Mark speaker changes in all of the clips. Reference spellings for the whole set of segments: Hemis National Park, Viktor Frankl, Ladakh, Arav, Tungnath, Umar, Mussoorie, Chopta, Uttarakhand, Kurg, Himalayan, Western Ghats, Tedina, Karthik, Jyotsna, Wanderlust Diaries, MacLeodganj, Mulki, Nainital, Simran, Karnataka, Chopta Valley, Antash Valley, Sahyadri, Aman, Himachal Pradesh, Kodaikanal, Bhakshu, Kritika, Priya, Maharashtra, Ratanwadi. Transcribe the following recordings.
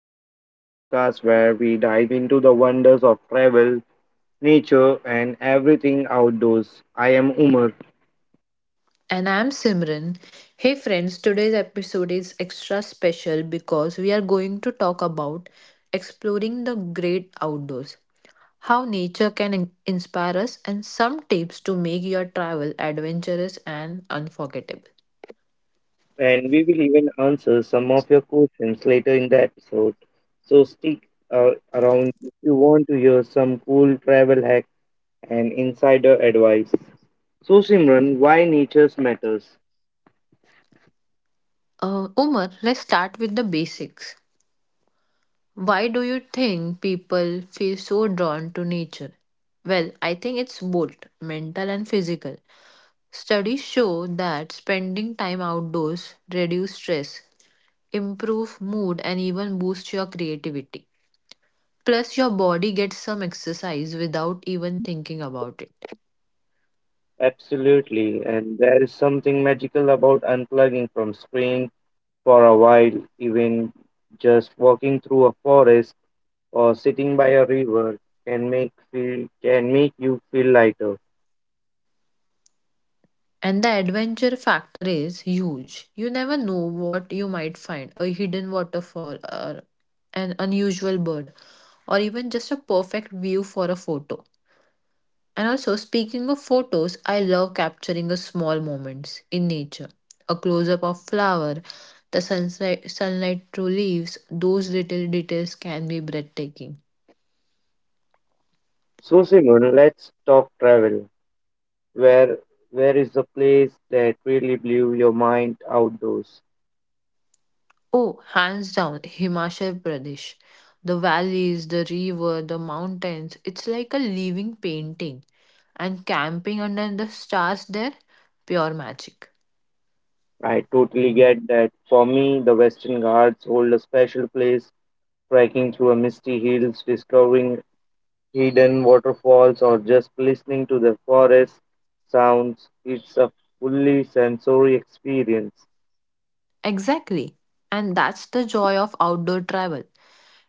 Speaker 1: Diaries, the podcast where we dive into the wonders of travel, nature, and everything outdoors. I am Umar,
Speaker 2: And I'm Simran. Hey friends, today's episode is extra special because we are going to talk about exploring the great outdoors, how nature can inspire us, and some tips to make your travel adventurous and unforgettable.
Speaker 1: and we will even answer some of your questions later in the episode. So stick around if you want to hear some cool travel hack and insider advice. So Simran, why nature matters?
Speaker 2: Umar, let's start with the basics. Why do you think people feel so drawn to nature? Well, I think it's both mental and physical. Studies show that spending time outdoors reduce stress, improve mood and even boost your creativity. Plus your body gets some exercise without even thinking about it.
Speaker 1: Absolutely, and there is something magical about unplugging from screens for a while, even just walking through a forest or sitting by a river can make you feel lighter.
Speaker 2: And the adventure factor is huge. You never know what you might find, a hidden waterfall or an unusual bird or even just a perfect view for a photo. And also, speaking of photos, I love capturing the small moments in nature. A close up of flower, the sunset, sunlight through leaves, those little details can be breathtaking.
Speaker 1: So Simon, let's talk travel. Where where is the place that really blew your mind outdoors?
Speaker 2: Oh, hands down, Himachal Pradesh. The valleys, the river, the mountains, it's like a living painting. And camping under the stars there, pure magic.
Speaker 1: I totally get that. For me, the Western Ghats hold a special place. Trekking through a misty hills, discovering hidden waterfalls, or just listening to the forest sounds. It's a fully sensory experience.
Speaker 2: Exactly. And that's the joy of outdoor travel.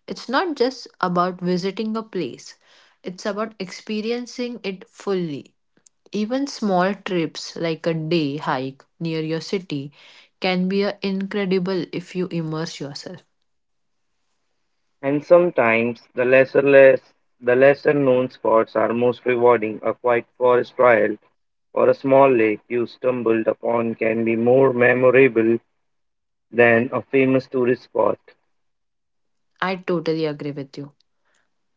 Speaker 2: It's not just about visiting a place, it's about experiencing it fully. Even small trips like a day hike near your city can be incredible if you immerse yourself.
Speaker 1: And sometimes the lesser known spots are most rewarding. A quiet forest trail or a small lake you stumbled upon can be more memorable than a famous tourist spot.
Speaker 2: I totally agree with you.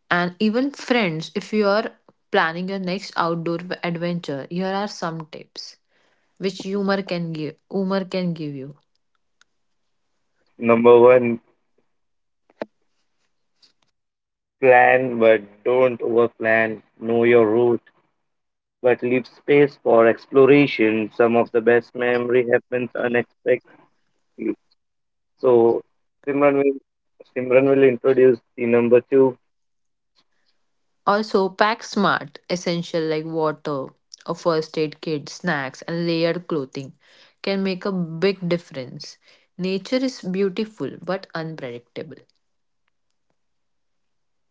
Speaker 2: And even friends, if you are planning your next outdoor adventure, here are some tips which humor can give you.
Speaker 1: Number one, plan but don't overplan. Know your route but leave space for exploration. Some of the best memory happens unexpectedly. So Simran will Simran will introduce the number two.
Speaker 2: Also, pack smart, essential like water, a first aid kit, snacks, and layered clothing can make a big difference. Nature is beautiful but unpredictable.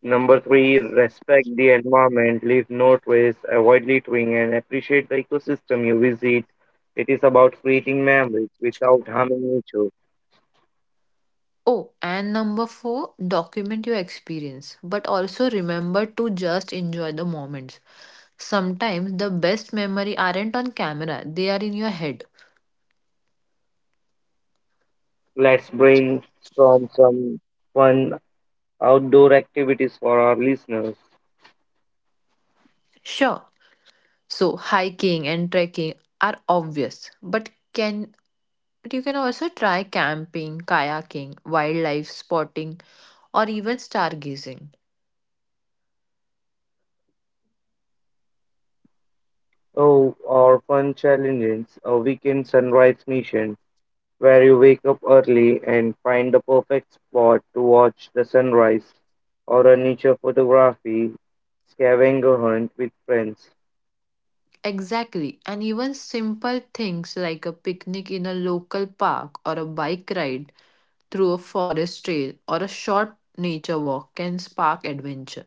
Speaker 1: Number three, respect the environment, leave no trace, avoid littering, and appreciate the ecosystem you visit. It is about creating memories without harming nature.
Speaker 2: Oh, and number four, document your experience, but also remember to just enjoy the moments. Sometimes the best memory aren't on camera, they are in your head.
Speaker 1: Let's brainstorm some fun outdoor activities for our listeners.
Speaker 2: Sure. So hiking and trekking are obvious, but can but you can also try camping, kayaking, wildlife spotting, or even stargazing.
Speaker 1: Oh, or fun challenges, a weekend sunrise mission, where you wake up early and find the perfect spot to watch the sunrise or a nature photography scavenger hunt with friends.
Speaker 2: Exactly, and even simple things like a picnic in a local park or a bike ride through a forest trail or a short nature walk can spark adventure.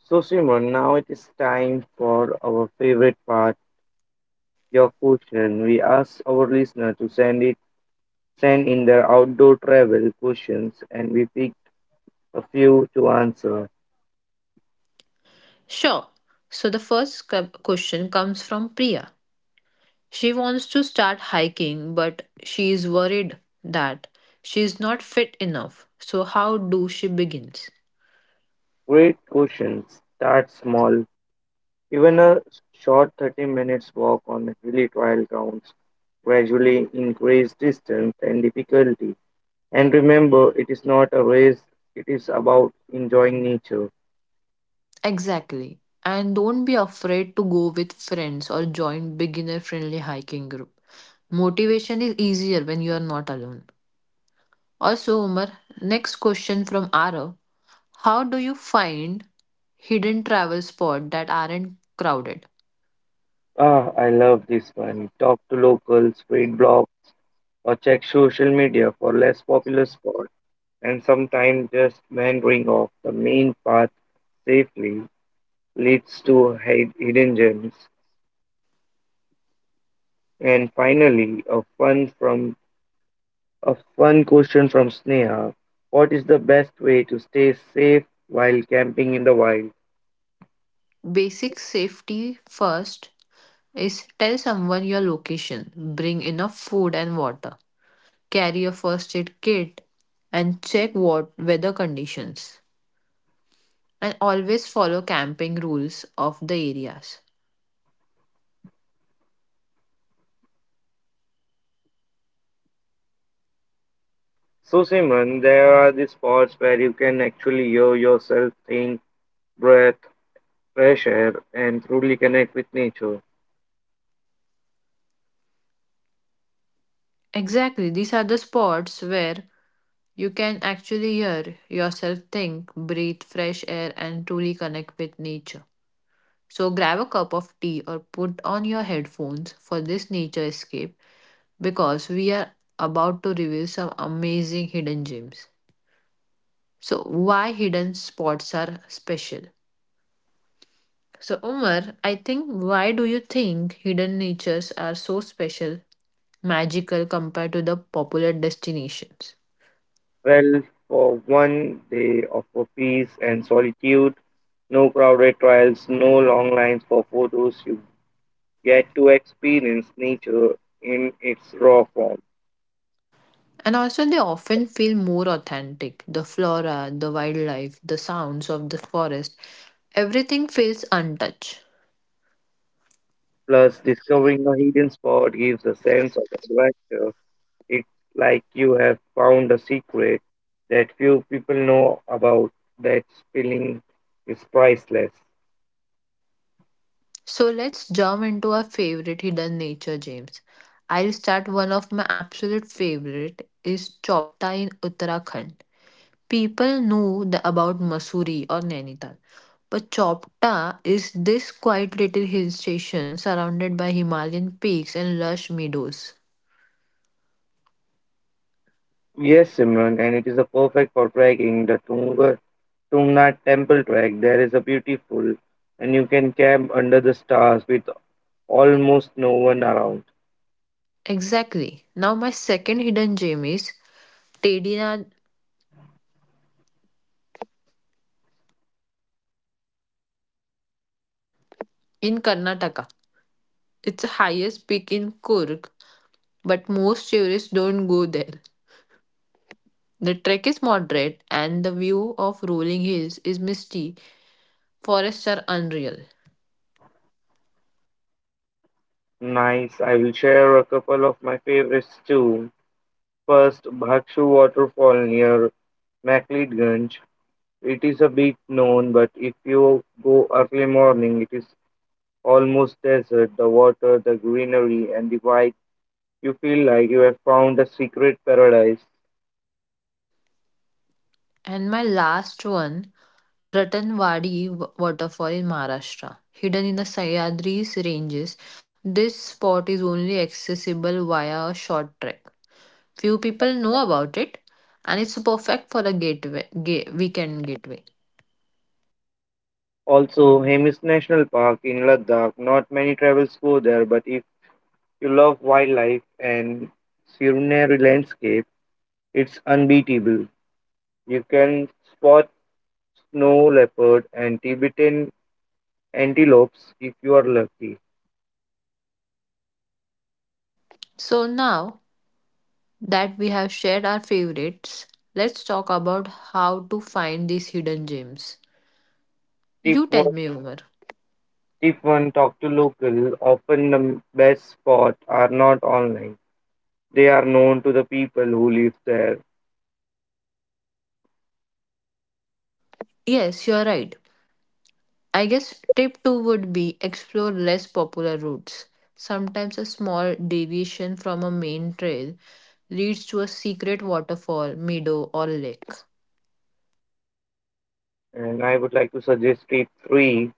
Speaker 1: So, Simran, now it is time for our favorite part, your question. We asked our listener to send in their outdoor travel questions, and we picked a few to answer.
Speaker 2: Sure. So the first question comes from Priya. She wants to start hiking, but she is worried that she is not fit enough. So, how do she begins?
Speaker 1: Great questions. Start small. Even a short 30 minutes walk on hilly trial grounds gradually increase distance and difficulty. And remember, it is not a race, it is about enjoying nature.
Speaker 2: Exactly. And don't be afraid to go with friends or join beginner friendly hiking group. Motivation is easier when you are not alone. Also, Umar, next question from Arav. How do you find hidden travel spots that aren't crowded?
Speaker 1: Ah, I love this one. Talk to locals, read blogs, or check social media for less popular spots. And sometimes just wandering off the main path safely leads to hidden gems. And finally, a fun question from Sneha. What is the best way to stay safe while camping in the wild?
Speaker 2: Basic safety first is tell someone your location, bring enough food and water, carry a first aid kit, and check what weather conditions. And always follow camping rules of the areas.
Speaker 1: So, Simran, there are these spots where you can actually hear yourself think, breath, fresh air, and truly connect with nature.
Speaker 2: Exactly, these are the spots where you can actually hear yourself think, breathe fresh air, and truly connect with nature. So, grab a cup of tea or put on your headphones for this nature escape because we are about to reveal some amazing hidden gems. So, why hidden spots are special? So, Umar, I think why do you think hidden natures are so special, magical compared to the popular destinations?
Speaker 1: Well, for one, they offer peace and solitude, no crowded trails, no long lines for photos. You get to experience nature in its raw form.
Speaker 2: And also, they often feel more authentic. The flora, the wildlife, the sounds of the forest, everything feels untouched.
Speaker 1: Plus, discovering a hidden spot gives a sense of adventure. It's like you have found a secret that few people know about. That feeling is priceless.
Speaker 2: So, let's jump into our favorite hidden nature, James. I'll start one of my absolute favorite is Chopta in Uttarakhand. People know the, about Mussoorie or Nainital, but Chopta is this quiet little hill station surrounded by Himalayan peaks and lush meadows.
Speaker 1: Yes, Simran, and it is a perfect for trekking the Tunga Tungnath temple trek. There is a beautiful, and you can camp under the stars with almost no one around.
Speaker 2: Exactly. Now, my second hidden gem is Tedina in Karnataka. It's the highest peak in Kurg, but most tourists don't go there. The trek is moderate and the view of rolling hills is misty. Forests are unreal.
Speaker 1: Nice. I will share a couple of my favorites too. First, Bhakshu waterfall near MacLeodganj. It is a bit known, but if you go early morning, it is almost desert. The water, the greenery, and the vibe. You feel like you have found a secret paradise.
Speaker 2: And my last one, Ratanwadi waterfall in Maharashtra, hidden in the Sahyadri's ranges. This spot is only accessible via a short trek. Few people know about it, and it's perfect for a weekend gateway.
Speaker 1: Also, Hemis National Park in Ladakh. Not many travels go there, but if you love wildlife and scenery landscape, it's unbeatable. You can spot snow leopard and Tibetan antelopes if you are lucky.
Speaker 2: So now that we have shared our favorites, let's talk about how to find these hidden gems.
Speaker 1: Tip
Speaker 2: You tell me, Umar.
Speaker 1: Tip 1. Talk to local. Often the best spots are not online, they are known to the people who live there.
Speaker 2: Yes, you're right. I guess tip two would be explore less popular routes. Sometimes a small deviation from a main trail leads to a secret waterfall, meadow, or lake.
Speaker 1: And I would like to suggest Tip 3.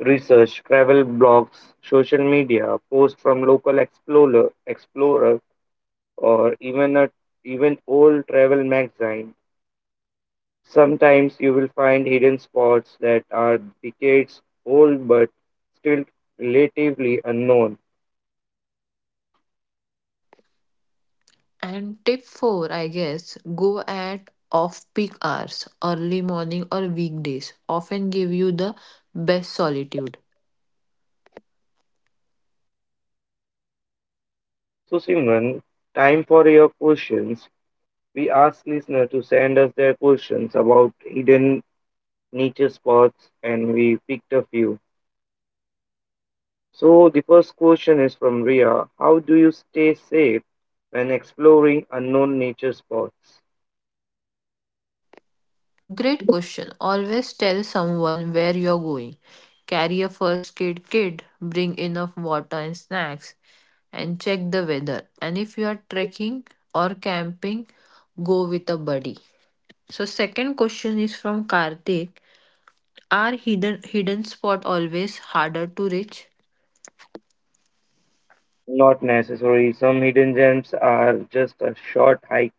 Speaker 1: Research, travel blogs, social media, posts from local explorer, or even old travel magazine. Sometimes you will find hidden spots that are decades old but still relatively unknown.
Speaker 2: And tip four, I guess, go at off peak hours, early morning or weekdays, often give you the best solitude.
Speaker 1: So, Simran, time for your questions. We ask listeners to send us their questions about hidden nature spots and we picked a few. So the first question is from Ria. How do you stay safe when exploring unknown nature spots?
Speaker 2: Great question. Always tell someone where you're going. Carry a first aid kit, bring enough water and snacks, and check the weather. And if you are trekking or camping, go with a buddy. So second question is from Karthik. Are hidden spot always harder to reach?
Speaker 1: Not necessary. Some hidden gems are just a short hike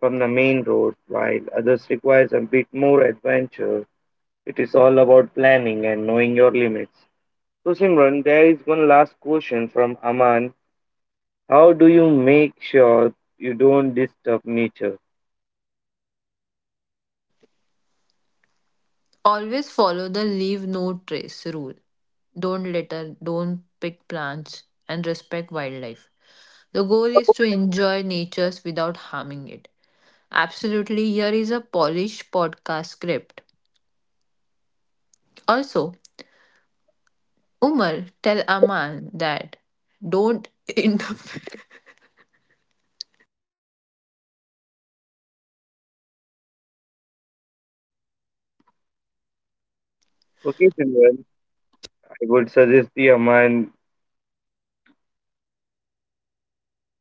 Speaker 1: from the main road, while others requires a bit more adventure. It is all about planning and knowing your limits. So Simran, there is one last question from Aman. How do you make sure you don't disturb nature?
Speaker 2: Always follow the leave no trace rule. Don't litter, don't pick plants, and respect wildlife. The goal is to enjoy nature without harming it. Absolutely, here is a polished podcast script. Also, Umar, tell Aman that don't interfere
Speaker 1: Okay, children, I would suggest the Aman.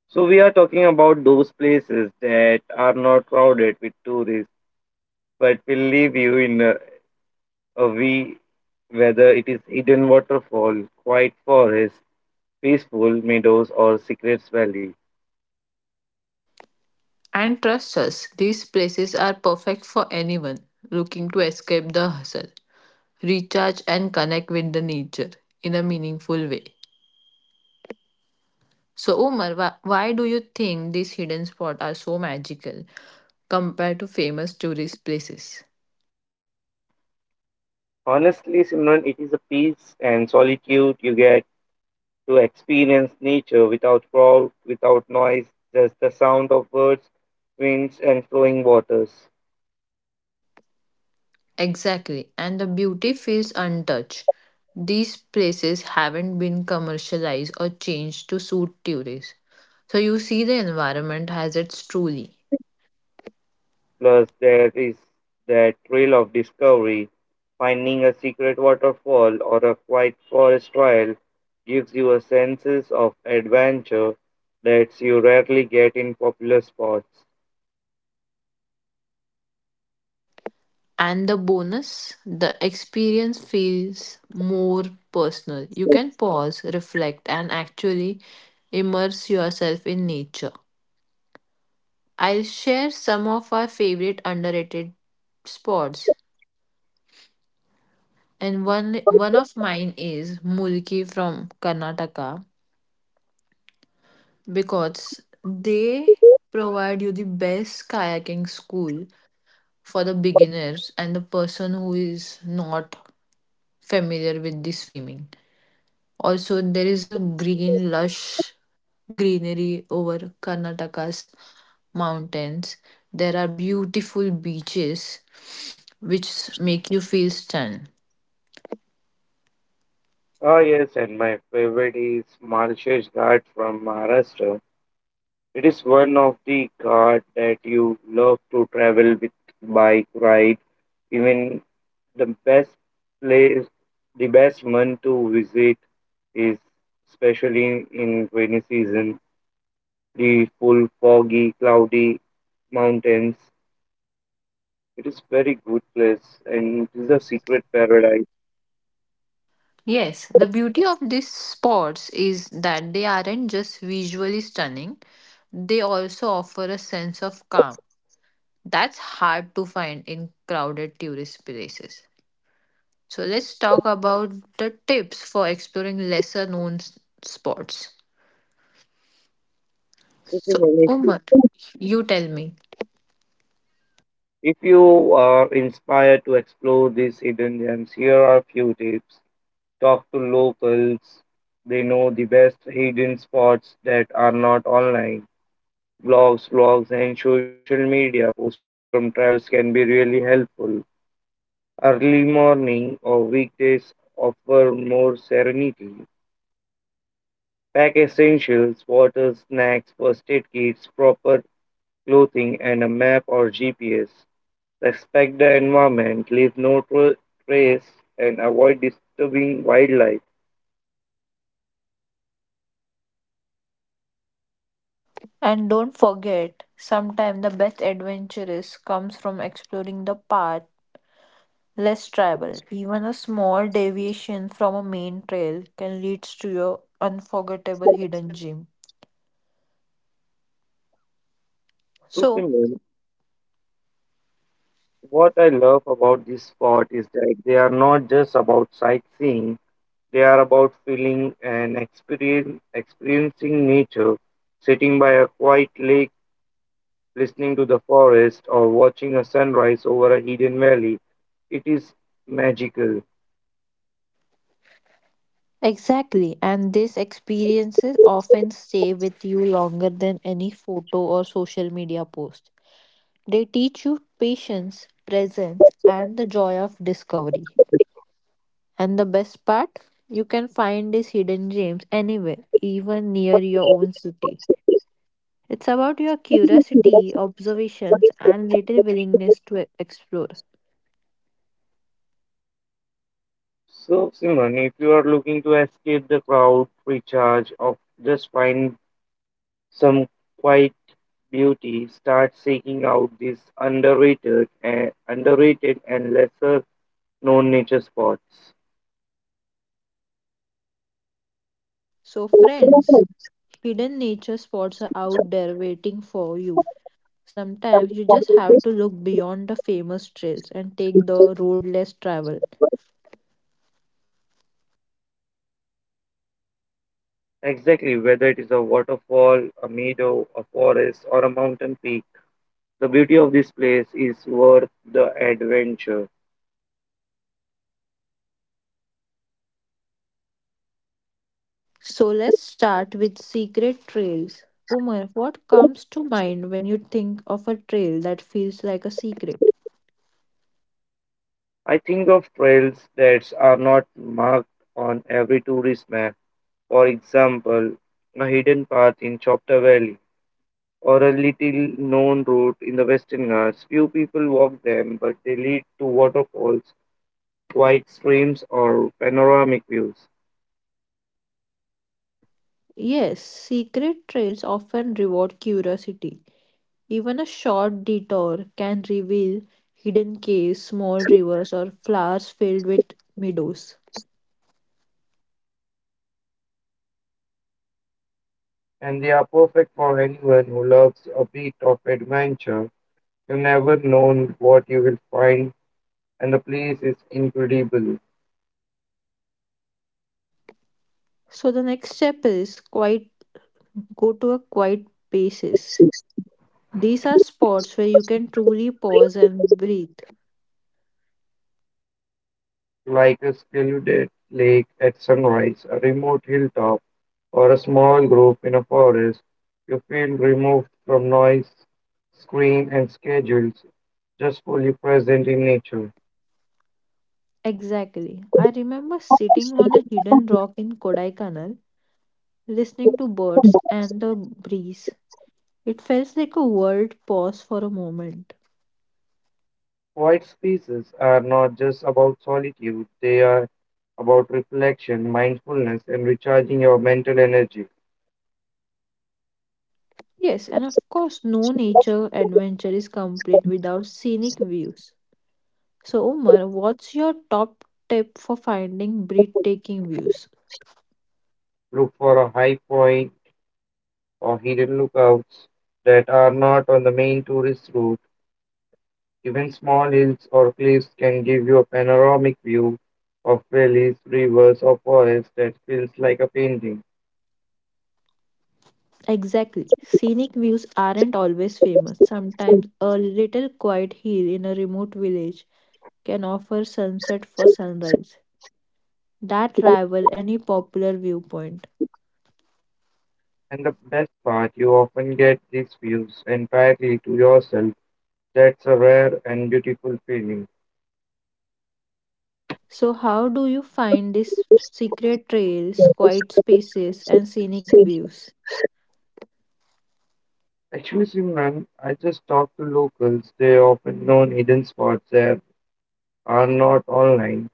Speaker 1: So, we are talking about those places that are not crowded with tourists but will leave you in a wee, whether it is hidden waterfall, quiet forest, peaceful meadows, or secret valley.
Speaker 2: and trust us. These places are perfect for anyone looking to escape the hustle, recharge, and connect with the nature in a meaningful way. So, Umar, why do you think these hidden spots are so magical compared to famous tourist places?
Speaker 1: Honestly, Simran, it is a peace and solitude you get to experience nature without crowd, without noise, just the sound of birds, winds, and flowing waters.
Speaker 2: Exactly, and the beauty feels untouched. These places haven't been commercialized or changed to suit tourists. So you see the environment has its truly.
Speaker 1: Plus, there is that thrill of discovery. Finding a secret waterfall or a quiet forest trail gives you a sense of adventure that you rarely get in popular spots.
Speaker 2: And the bonus, the experience feels more personal. You can pause, reflect, and actually immerse yourself in nature. I'll share some of our favorite underrated spots. And one of mine is Mulki from Karnataka, because they provide you the best kayaking school for the beginners and the person who is not familiar with the swimming. Also, there is a green, lush greenery over Karnataka's mountains. There are beautiful beaches which make you feel stunned.
Speaker 1: Ah, yes, and my favorite is Maharashtra's Ghat from Maharashtra. It is one of the cars that you love to travel with bike ride. Even the best place, the best month to visit is especially in rainy season. The full foggy, cloudy mountains. It is very good place and it is a secret paradise.
Speaker 2: Yes, the beauty of these spots is that they aren't just visually stunning, they also offer a sense of calm that's hard to find in crowded tourist places. So, let's talk about the tips for exploring lesser known spots.
Speaker 1: So,
Speaker 2: So,
Speaker 1: Shivani,
Speaker 2: Umar, you tell me.
Speaker 1: if you are inspired to explore these hidden gems, here are a few tips. Talk to locals. They know the best hidden spots that are not online. Blogs, and social media posts from travelers can be really helpful. Early morning or weekdays offer more serenity. Pack essentials, water, snacks, first aid kits, proper clothing, and a map or GPS. Respect the environment, leave no trace, and avoid disturbing wildlife.
Speaker 2: And don't forget, sometimes the best adventures comes from exploring the path less travel. Even a small deviation from a main trail can lead to your unforgettable hidden gem.
Speaker 1: So,
Speaker 2: So,
Speaker 1: Simran, what I love about this spot is that they are not just about sightseeing, they are about experiencing nature, sitting by a quiet lake, listening to the forest, or watching a sunrise over a hidden valley. It is magical.
Speaker 2: exactly, and these experiences often stay with you longer than any photo or social media post. They teach you patience, presence, and the joy of discovery. And the best part, you can find these hidden gems anywhere, even near your own city. It's about your curiosity, observations, and little willingness to explore.
Speaker 1: So, Simran, if you are looking to escape the crowd, recharge, or just find some quiet beauty, starts seeking out these underrated and lesser known nature spots.
Speaker 2: So, friends, hidden nature spots are out there waiting for you. Sometimes you just have to look beyond the famous trails and take the road less traveled.
Speaker 1: Exactly, whether it is a waterfall, a meadow, a forest, or a mountain peak, the beauty of this place is worth the adventure.
Speaker 2: So, let's start with secret trails. Umar, what comes to mind when you think of a trail that feels like a secret?
Speaker 1: I think of trails that are not marked on every tourist map. For example, a hidden path in Chopta Valley or a little known route in the Western Ghats. Few people walk them, but they lead to waterfalls, quiet streams, or panoramic views.
Speaker 2: Yes, secret trails often reward curiosity. Even a short detour can reveal hidden caves, small rivers, or flowers filled with meadows.
Speaker 1: And they are perfect for anyone who loves a bit of adventure. You never know what you will find, and the place is incredible,
Speaker 2: So the next step is quiet go to a quiet places. These are spots where you can truly pause and breathe.
Speaker 1: like a secluded lake at sunrise, a remote hilltop, or a small group in a forest. You feel removed from noise, screen, and schedules, just fully present in nature.
Speaker 2: Exactly. I remember sitting on a hidden rock in Kodaikanal, listening to birds and the breeze. It felt like a world paused for a moment.
Speaker 1: Quiet spaces are not just about solitude, they are about reflection, mindfulness, and recharging your mental energy.
Speaker 2: Yes, and of course, no nature adventure is complete without scenic views. So, Umar, what's your top tip for finding breathtaking views?
Speaker 1: Look for a high point or hidden lookouts that are not on the main tourist route. Even small hills or cliffs can give you a panoramic view of valleys, rivers, or forests that feels like a painting.
Speaker 2: Exactly. Scenic views aren't always famous. Sometimes a little quiet hill in a remote village can offer sunset for sunrise that rival any popular viewpoint.
Speaker 1: And the best part, you often get these views entirely to yourself. That's a rare and beautiful feeling.
Speaker 2: So, how do you find these secret trails, quiet spaces, and scenic views?
Speaker 1: Actually, Simran, I just talk to locals. They often know hidden spots that are not online.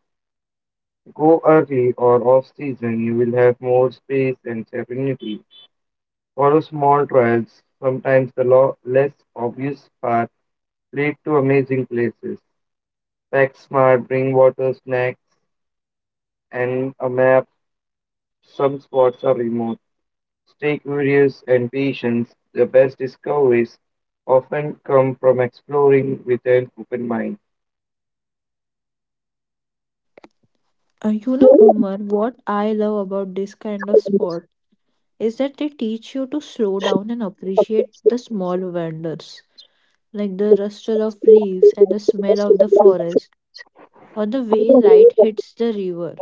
Speaker 1: Go early or off season, you will have more space and serenity. Follow small trails. Sometimes the less obvious paths lead to amazing places. Pack smart, bring water, snacks, and a map. Some spots are remote. Stay curious and patient. The best discoveries often come from exploring with an open mind.
Speaker 2: Umar, what I love about this kind of sport is that they teach you to slow down and appreciate the small wonders, like the rustle of leaves and the smell of the forest, or the way light hits the river.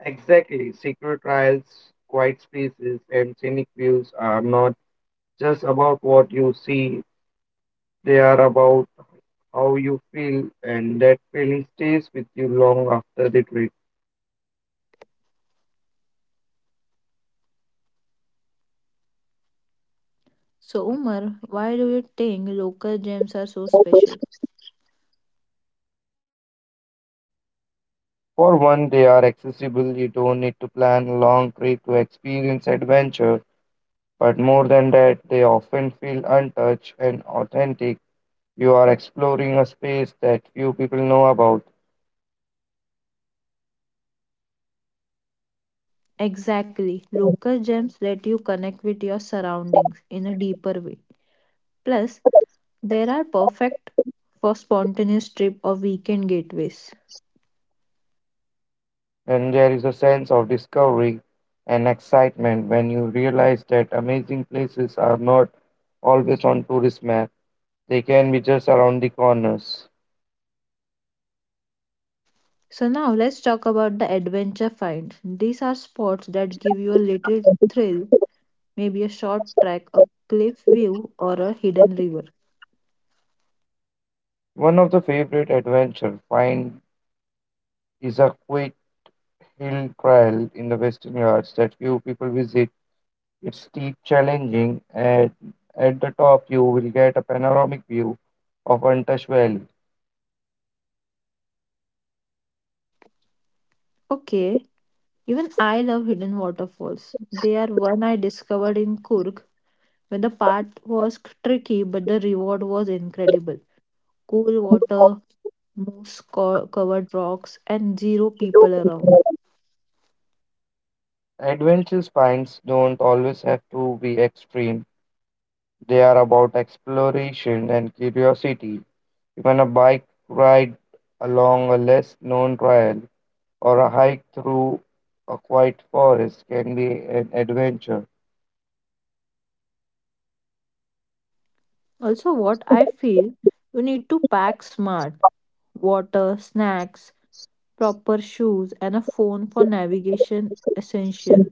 Speaker 1: Exactly. Secret trials, quiet spaces, and scenic views are not just about what you see, they are about how you feel, and that feeling stays with you long after the
Speaker 2: So, Umar, why do you think local gems are so
Speaker 1: trip.
Speaker 2: special?
Speaker 1: For one, they are accessible. You don't need to plan a long trip to experience adventure. But more than that, they often feel untouched and authentic. You are exploring a space that few people know about,
Speaker 2: Exactly, local gems let you connect with your surroundings in a deeper way. Plus, they are perfect for spontaneous trip or weekend getaways.
Speaker 1: and there is a sense of discovery and excitement when you realize that amazing places are not always on tourist map. They can be just around the corners.
Speaker 2: So now let's talk about the adventure finds. These are spots that give you a little thrill, maybe a short trek, a cliff view, or a hidden river.
Speaker 1: One of the favorite adventure find is a quick hill trail in the Western Ghats that few people visit. It's steep, challenging, and at the top you will get a panoramic view of Antash Valley.
Speaker 2: Okay, even I love hidden waterfalls. They are one I discovered in Kurg when the path was tricky but the reward was incredible. Cool water, covered rocks, and zero people around.
Speaker 1: Adventure spines don't always have to be extreme. They are about exploration and curiosity. Even a bike ride along a less known trail or a hike through a quiet forest can be an adventure.
Speaker 2: Also, what I feel you need to pack smart water, snacks, proper shoes, and a phone for navigation essential.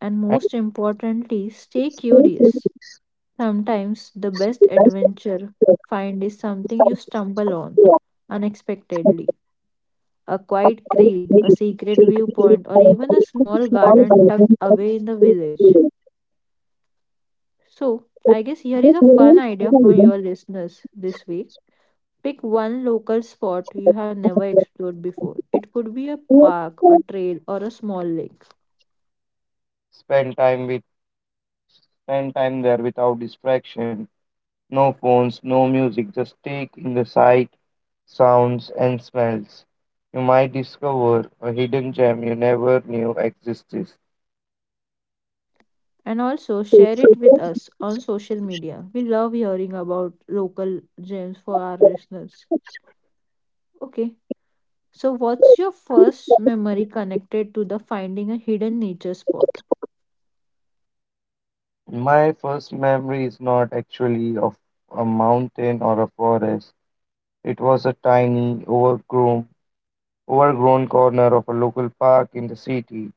Speaker 2: And most importantly, stay
Speaker 1: Still believe
Speaker 2: curious. Sometimes the best
Speaker 1: the rest of
Speaker 2: adventure find is
Speaker 1: the
Speaker 2: something you
Speaker 1: disciples
Speaker 2: stumble on
Speaker 1: were affected
Speaker 2: unexpectedly. A
Speaker 1: by
Speaker 2: quiet creek,
Speaker 1: faith,
Speaker 2: a secret
Speaker 1: taking
Speaker 2: viewpoint, or
Speaker 1: for
Speaker 2: even a small
Speaker 1: all by
Speaker 2: garden tucked away in the
Speaker 1: them.
Speaker 2: village. So, I guess here is
Speaker 1: This
Speaker 2: a fun
Speaker 1: million
Speaker 2: idea for
Speaker 1: people went
Speaker 2: your listeners this week. Pick one local spot you have
Speaker 1: to
Speaker 2: never
Speaker 1: the
Speaker 2: explored before. It could be a park, a
Speaker 1: poor.
Speaker 2: trail, or a small lake.
Speaker 1: Spend time with Spend time there without distraction. No phones, no music, just take in the sight, sounds and smells. You might discover a hidden gem you never knew existed.
Speaker 2: And also share it with us on social media. We love hearing about local gems for our listeners. Okay. So, what's your first memory connected to the finding a hidden nature spot?
Speaker 1: My first memory is not actually of a mountain or a forest. It was a tiny, overgrown corner of a local park in the city.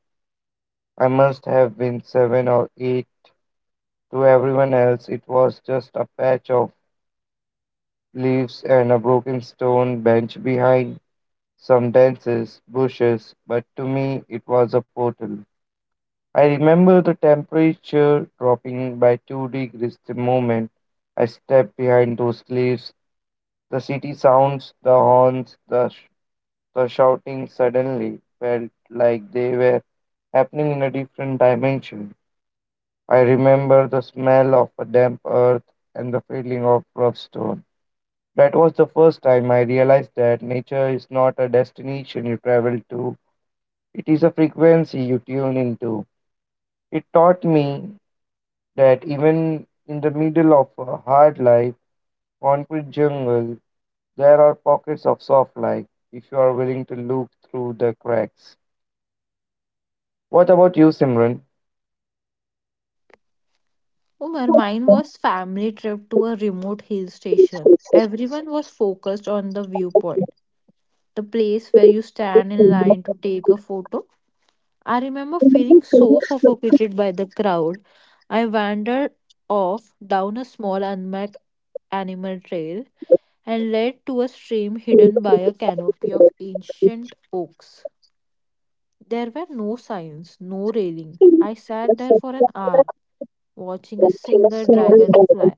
Speaker 1: I must have been seven or eight. To everyone else, it was just a patch of leaves and a broken stone bench behind some dense bushes, but to me, it was a portal. I remember the temperature dropping by 2 degrees the moment I stepped behind those leaves. The city sounds, the horns, the shouting suddenly felt like they were happening in a different dimension. I remember the smell of a damp earth and the feeling of rough stone. That was the first time I realized that nature is not a destination you travel to, it is a frequency you tune into. It taught me that even in the middle of a hard life, concrete jungle, there are pockets of soft light if you are willing to look through the cracks. What about you, Simran?
Speaker 2: Umar, mine was family trip to a remote hill station. Everyone was focused on the viewpoint, the place where you stand in line to take a photo. I remember feeling so suffocated by the crowd. I wandered off down a small unmarked animal trail and led to a stream hidden by a canopy of ancient oaks. There were no signs, no railing. I sat there for an hour watching a single dragonfly.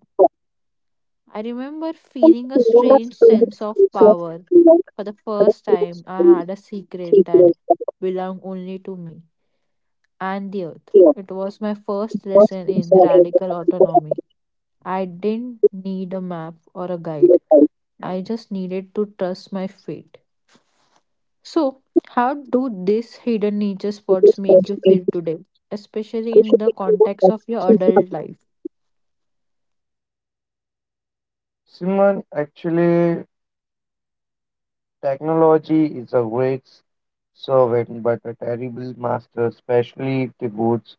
Speaker 2: I remember feeling a strange sense of power. For the first time, I had a secret that belonged only to me and the earth. It was my first lesson in radical autonomy. I didn't need a map or a guide, I just needed to trust my feet. So, how do these hidden nature spots make you feel today, especially in the context of your adult life?
Speaker 1: Simon, actually, technology is a great servant but a terrible master, especially if it boots.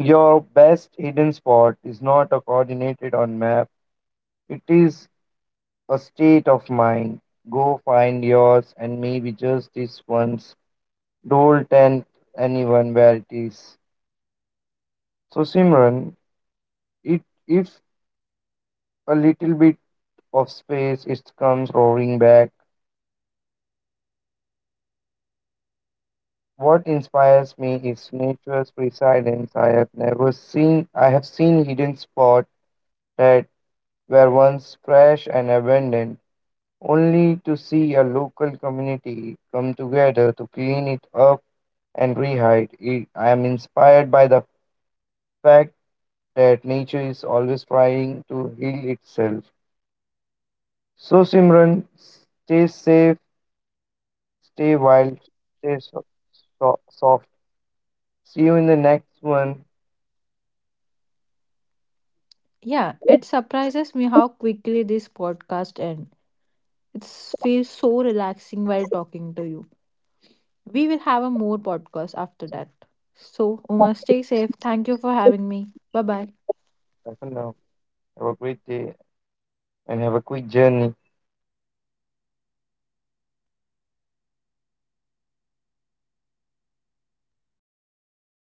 Speaker 1: Your best hidden spot is not a coordinated on map, it is a state of mind. Go find yours, and maybe just this once, don't tell anyone where it is. So, Simran, it if a little bit of space, it comes roaring back. What inspires me is nature's resilience. I have never seen I have seen hidden spots that were once fresh and abandoned, only to see a local community come together to clean it up and rehide it. I am inspired by the fact that nature is always trying to heal itself. So Simran, stay safe, stay wild, stay so- soft. See you in the next one.
Speaker 2: Yeah, it surprises me how quickly this podcast ends. It feels so relaxing while talking to you. We will have a more podcast after that. So, Uma, stay safe. Thank you for having me. Bye bye.
Speaker 1: I don't know. Have a great day and have a quick journey.